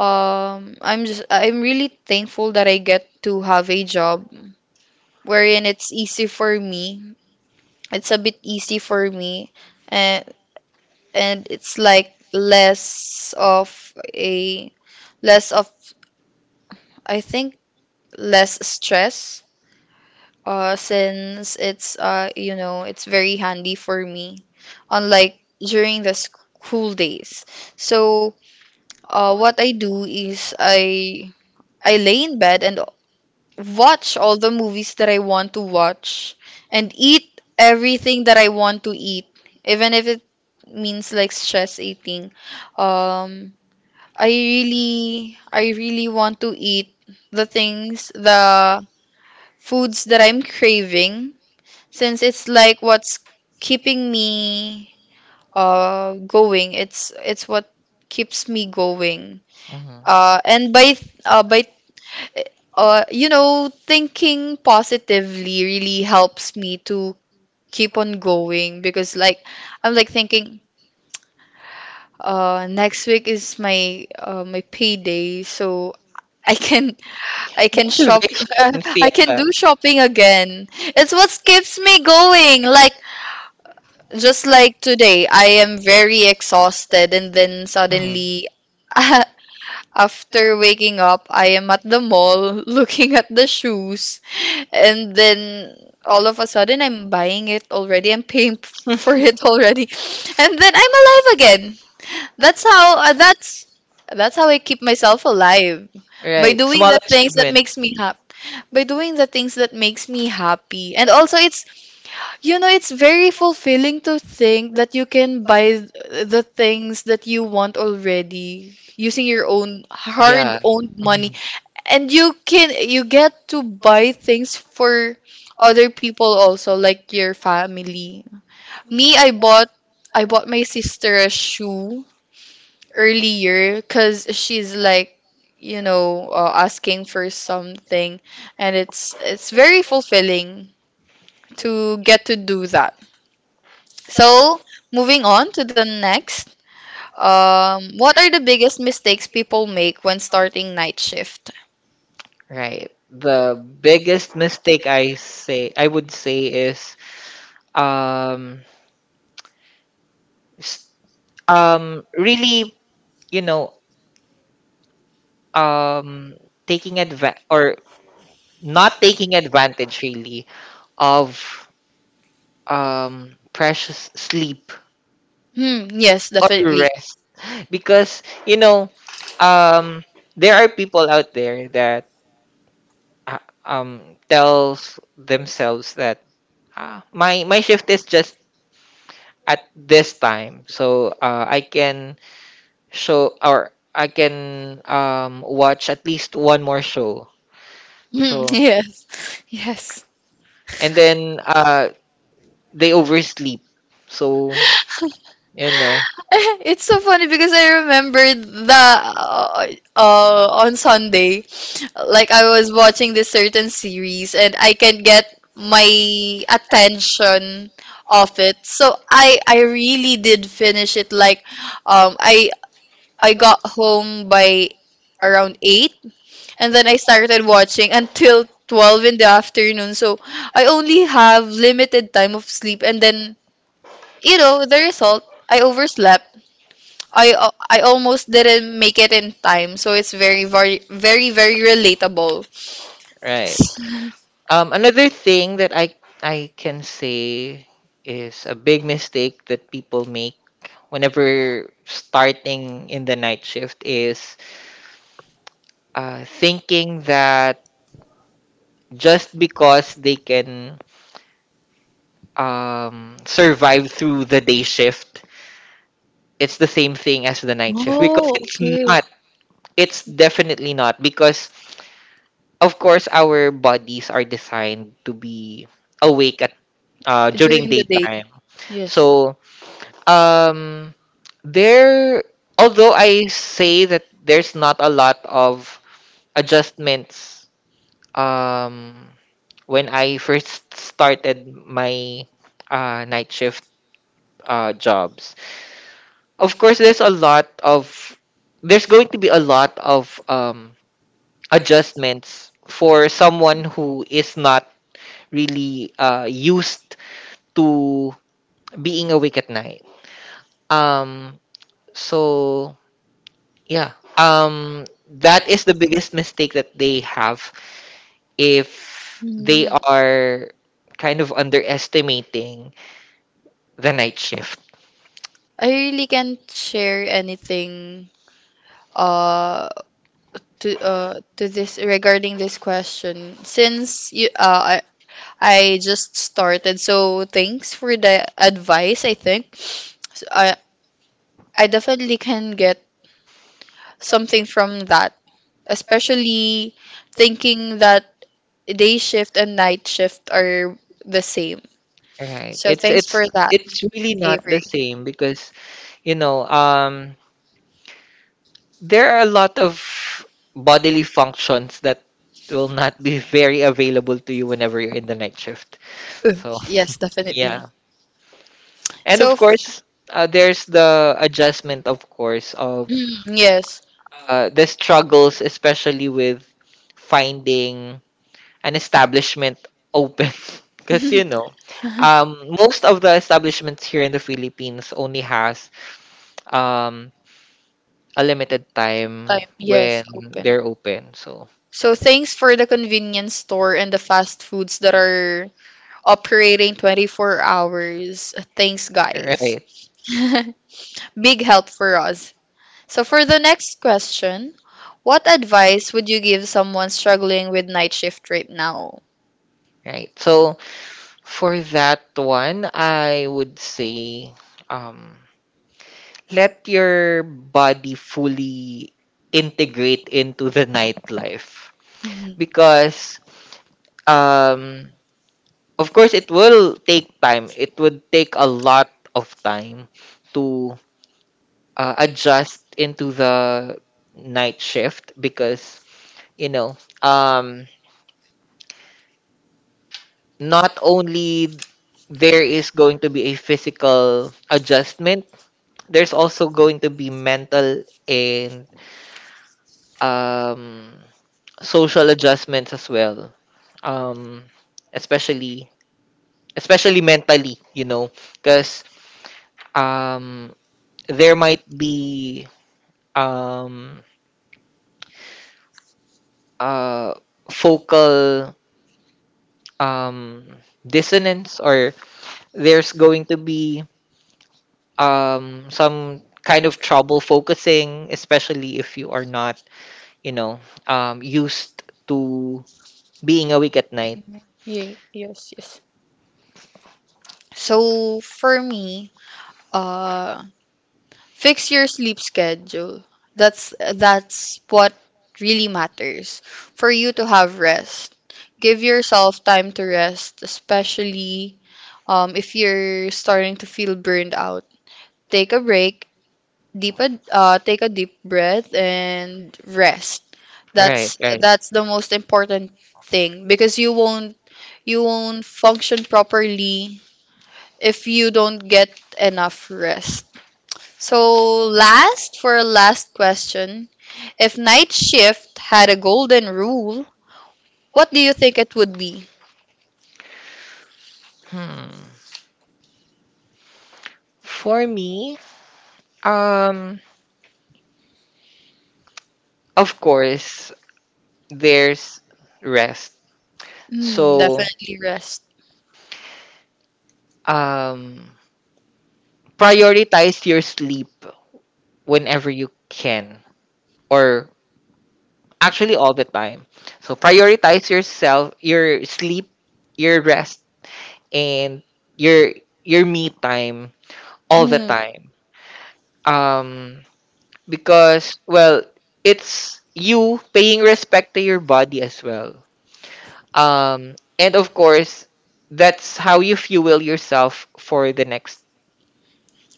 [SPEAKER 1] um I'm just I'm really thankful that I get to have a job wherein it's easy for me, it's a bit easy for me, and and it's like less of a less of I think less stress, uh, since it's uh, you know it's very handy for me, unlike during the school days. So uh, what I do is i i lay in bed and watch all the movies that I want to watch, and eat everything that I want to eat, even if it means like stress eating. Um i really i really want to eat the things the foods that I'm craving, since it's like what's keeping me uh going. It's it's what keeps me going.
[SPEAKER 2] Hmm.
[SPEAKER 1] Uh and by th- uh by uh you know thinking positively really helps me to keep on going, because like I'm like thinking, uh next week is my uh my payday, so I can I can shop.
[SPEAKER 2] Motivations,
[SPEAKER 1] [LAUGHS] I can
[SPEAKER 2] yeah.
[SPEAKER 1] do shopping again. It's what keeps me going. Like just like today, I am very exhausted, and then
[SPEAKER 2] Mm.
[SPEAKER 1] suddenly, [LAUGHS] after waking up, I am at the mall [LAUGHS] looking at the shoes, and then all of a sudden, I'm buying it already. I'm paying [LAUGHS] p- for
[SPEAKER 2] [LAUGHS]
[SPEAKER 1] it already, [LAUGHS] and then I'm alive again. That's how. Uh, that's that's how I keep myself alive by
[SPEAKER 2] Right.
[SPEAKER 1] doing
[SPEAKER 2] Small
[SPEAKER 1] the things that
[SPEAKER 2] achievement.
[SPEAKER 1] makes me happy. By doing the things that makes me happy, and also it's you know, it's very fulfilling to think that you can buy th- the things that you want already using your own
[SPEAKER 2] Yeah,
[SPEAKER 1] hard-earned money. And you can you get to buy things for other people also, like your family. Me, I bought I bought my sister a shoe earlier, because she's like, you know, uh, asking for something, and it's it's very fulfilling to get to do that. So, moving on to the next. Um, what are the biggest mistakes people make when starting night shift?
[SPEAKER 2] right. The biggest mistake I say I would say is um s- um really, you know, um taking adva or not taking advantage really of um precious sleep
[SPEAKER 1] Hmm, yes,
[SPEAKER 2] or
[SPEAKER 1] definitely.
[SPEAKER 2] rest because you know um there are people out there that uh, um tells themselves that ah, my my shift is just at this time, so uh, I can show or I can um watch at least one more show.
[SPEAKER 1] Hmm,
[SPEAKER 2] So
[SPEAKER 1] yes, yes.
[SPEAKER 2] and then uh They oversleep, so you know
[SPEAKER 1] [LAUGHS] It's so funny, because I remembered the uh, uh, on Sunday, like I was watching this certain series and I can get my attention off it. So I I really did finish it. Like um I I got home by around eight, and then I started watching until twelve in the afternoon. So I only have limited time of sleep, and then you know the result, I overslept. I uh, I almost didn't make it in time. So it's very very very very relatable.
[SPEAKER 2] right
[SPEAKER 1] [LAUGHS]
[SPEAKER 2] um another thing that i i can say is a big mistake that people make whenever starting in the night shift is uh, thinking that just because they can um survive through the day shift, it's the same thing as the night shift. Because
[SPEAKER 1] Oh,
[SPEAKER 2] it's
[SPEAKER 1] okay.
[SPEAKER 2] not. It's definitely not because of course our bodies are designed to be awake at uh, during
[SPEAKER 1] During the day.
[SPEAKER 2] daytime.
[SPEAKER 1] Yes.
[SPEAKER 2] So um there although I say that there's not a lot of adjustments um when I first started my uh, night shift uh, jobs. Of course, there's a lot of there's going to be a lot of um, adjustments for someone who is not really uh, used to being awake at night. Um, so yeah, um, that is the biggest mistake that they have if they
[SPEAKER 1] Mhm.
[SPEAKER 2] are kind of underestimating the night shift.
[SPEAKER 1] I really can't share anything. Uh to uh to this, regarding this question, since you uh I I just started, so thanks for the advice, I think. So I I definitely can get something from that, especially thinking that day shift and night shift are the same.
[SPEAKER 2] Right.
[SPEAKER 1] So
[SPEAKER 2] It's
[SPEAKER 1] thanks for
[SPEAKER 2] it's
[SPEAKER 1] that,
[SPEAKER 2] it's really not the
[SPEAKER 1] Avery.
[SPEAKER 2] same because you know um there are a lot of bodily functions that will not be [LAUGHS] very available to you whenever you're in the night shift.
[SPEAKER 1] Uh,
[SPEAKER 2] So,
[SPEAKER 1] yes
[SPEAKER 2] [LAUGHS]
[SPEAKER 1] definitely.
[SPEAKER 2] yeah. And
[SPEAKER 1] so
[SPEAKER 2] of
[SPEAKER 1] f-
[SPEAKER 2] course, uh, there's the adjustment, of course, of
[SPEAKER 1] mm, yes.
[SPEAKER 2] uh, the struggles, especially with finding an establishment open. [LAUGHS] Because, you know, um, most of the establishments here in the Philippines only has um, a
[SPEAKER 1] [LAUGHS]
[SPEAKER 2] limited time
[SPEAKER 1] Time, yes,
[SPEAKER 2] when
[SPEAKER 1] open.
[SPEAKER 2] they're open. So,
[SPEAKER 1] So thanks for the convenience store and the fast foods that are operating twenty-four hours. Thanks, guys.
[SPEAKER 2] right,
[SPEAKER 1] [LAUGHS] Big help for us. So for the next question, what advice would you give someone struggling with night shift right now? [LAUGHS]
[SPEAKER 2] right. So for that one, I would say um, let your body fully integrate into the [LAUGHS] nightlife
[SPEAKER 1] Mhm.
[SPEAKER 2] because um, of course it will take time. It would take a lot of time to uh, adjust into the night shift because you know um not only there is going to be a physical adjustment, there's also going to be mental and um, social adjustments as well. Um, especially especially mentally, you know, because um, there might be um, uh, focal um, dissonance or there's going to be um some kind of trouble focusing, especially if you are not you know um used to being awake at night.
[SPEAKER 1] Ye- Yes, yes. So for me, uh, fix your sleep schedule. That's that's what really matters for you to have rest. Give yourself time to rest, especially um, if you're starting to feel burned out. Take a break, deep a, uh, take a deep breath and rest.
[SPEAKER 2] right
[SPEAKER 1] That's
[SPEAKER 2] right
[SPEAKER 1] that's the most important thing, because you won't you won't function properly if you don't get enough rest. So, last for a last question, if night shift had a golden rule, what do you think it would be?
[SPEAKER 2] hmm. For me, um of course there's rest.
[SPEAKER 1] Mm,
[SPEAKER 2] So
[SPEAKER 1] definitely rest.
[SPEAKER 2] um prioritize your sleep whenever you can, or actually all the time. So prioritize yourself, your sleep, your rest, and your your me time all the
[SPEAKER 1] Mm,
[SPEAKER 2] time. Um, because well, it's you paying respect to your body as well. Um, and of course, that's how you fuel yourself for the next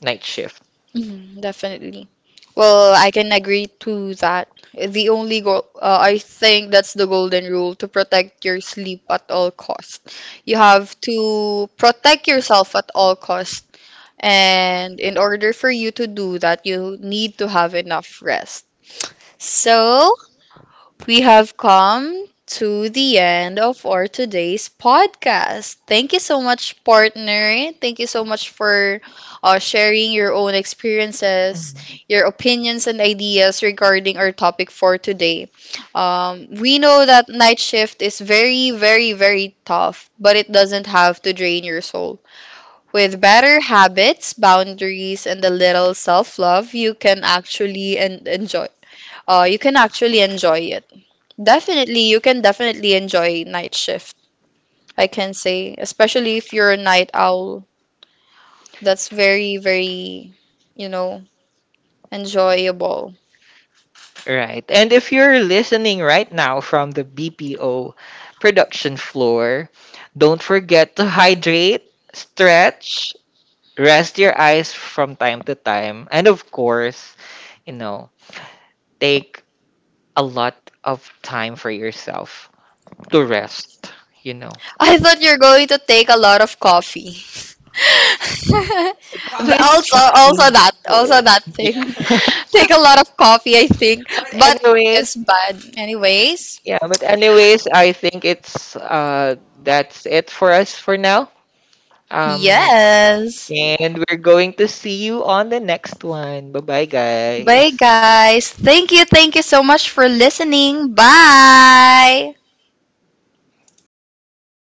[SPEAKER 2] night shift.
[SPEAKER 1] mm, definitely. Well, I can agree to that. The only goal, uh, I think that's the golden rule, to protect your sleep at all cost. You have to protect yourself at all cost, and in order for you to do that, you need to have enough rest. So, we
[SPEAKER 2] Have
[SPEAKER 1] have come to the end of our today's podcast. Thank you so much, partner. Thank you so much for uh, sharing your own experiences, your opinions, and ideas regarding our topic for today. Um, we know that night shift is very, very, very tough, but it doesn't have to drain your soul. With better habits, boundaries, and a little self love, you can actually en- enjoy. Uh, you can actually enjoy it. Definitely, you can definitely enjoy night shift, I can say, especially if you're a night owl. That's very, very, you know, enjoyable.
[SPEAKER 2] Right. And if you're listening right now from the B P O production floor, don't forget to hydrate, stretch, rest your eyes from time to time, and of course, you know, take a lot of time for yourself to rest, you know.
[SPEAKER 1] [LAUGHS] I thought you're going to take a lot of coffee. [LAUGHS] The-
[SPEAKER 2] It's
[SPEAKER 1] also, also
[SPEAKER 2] fine. Uh,
[SPEAKER 1] that, also
[SPEAKER 2] Yeah.
[SPEAKER 1] that thing.
[SPEAKER 2] [LAUGHS]
[SPEAKER 1] [LAUGHS] Take a lot of coffee, I think, but it's
[SPEAKER 2] anyways,
[SPEAKER 1] bad. Anyways,
[SPEAKER 2] yeah, but anyways, I think it's uh that's it for us for now. Um
[SPEAKER 1] yes.
[SPEAKER 2] and we're going to see you on the next one. Bye-bye,
[SPEAKER 1] Bye,
[SPEAKER 2] guys.
[SPEAKER 1] guys. Thank you, thank you so much for listening. Bye.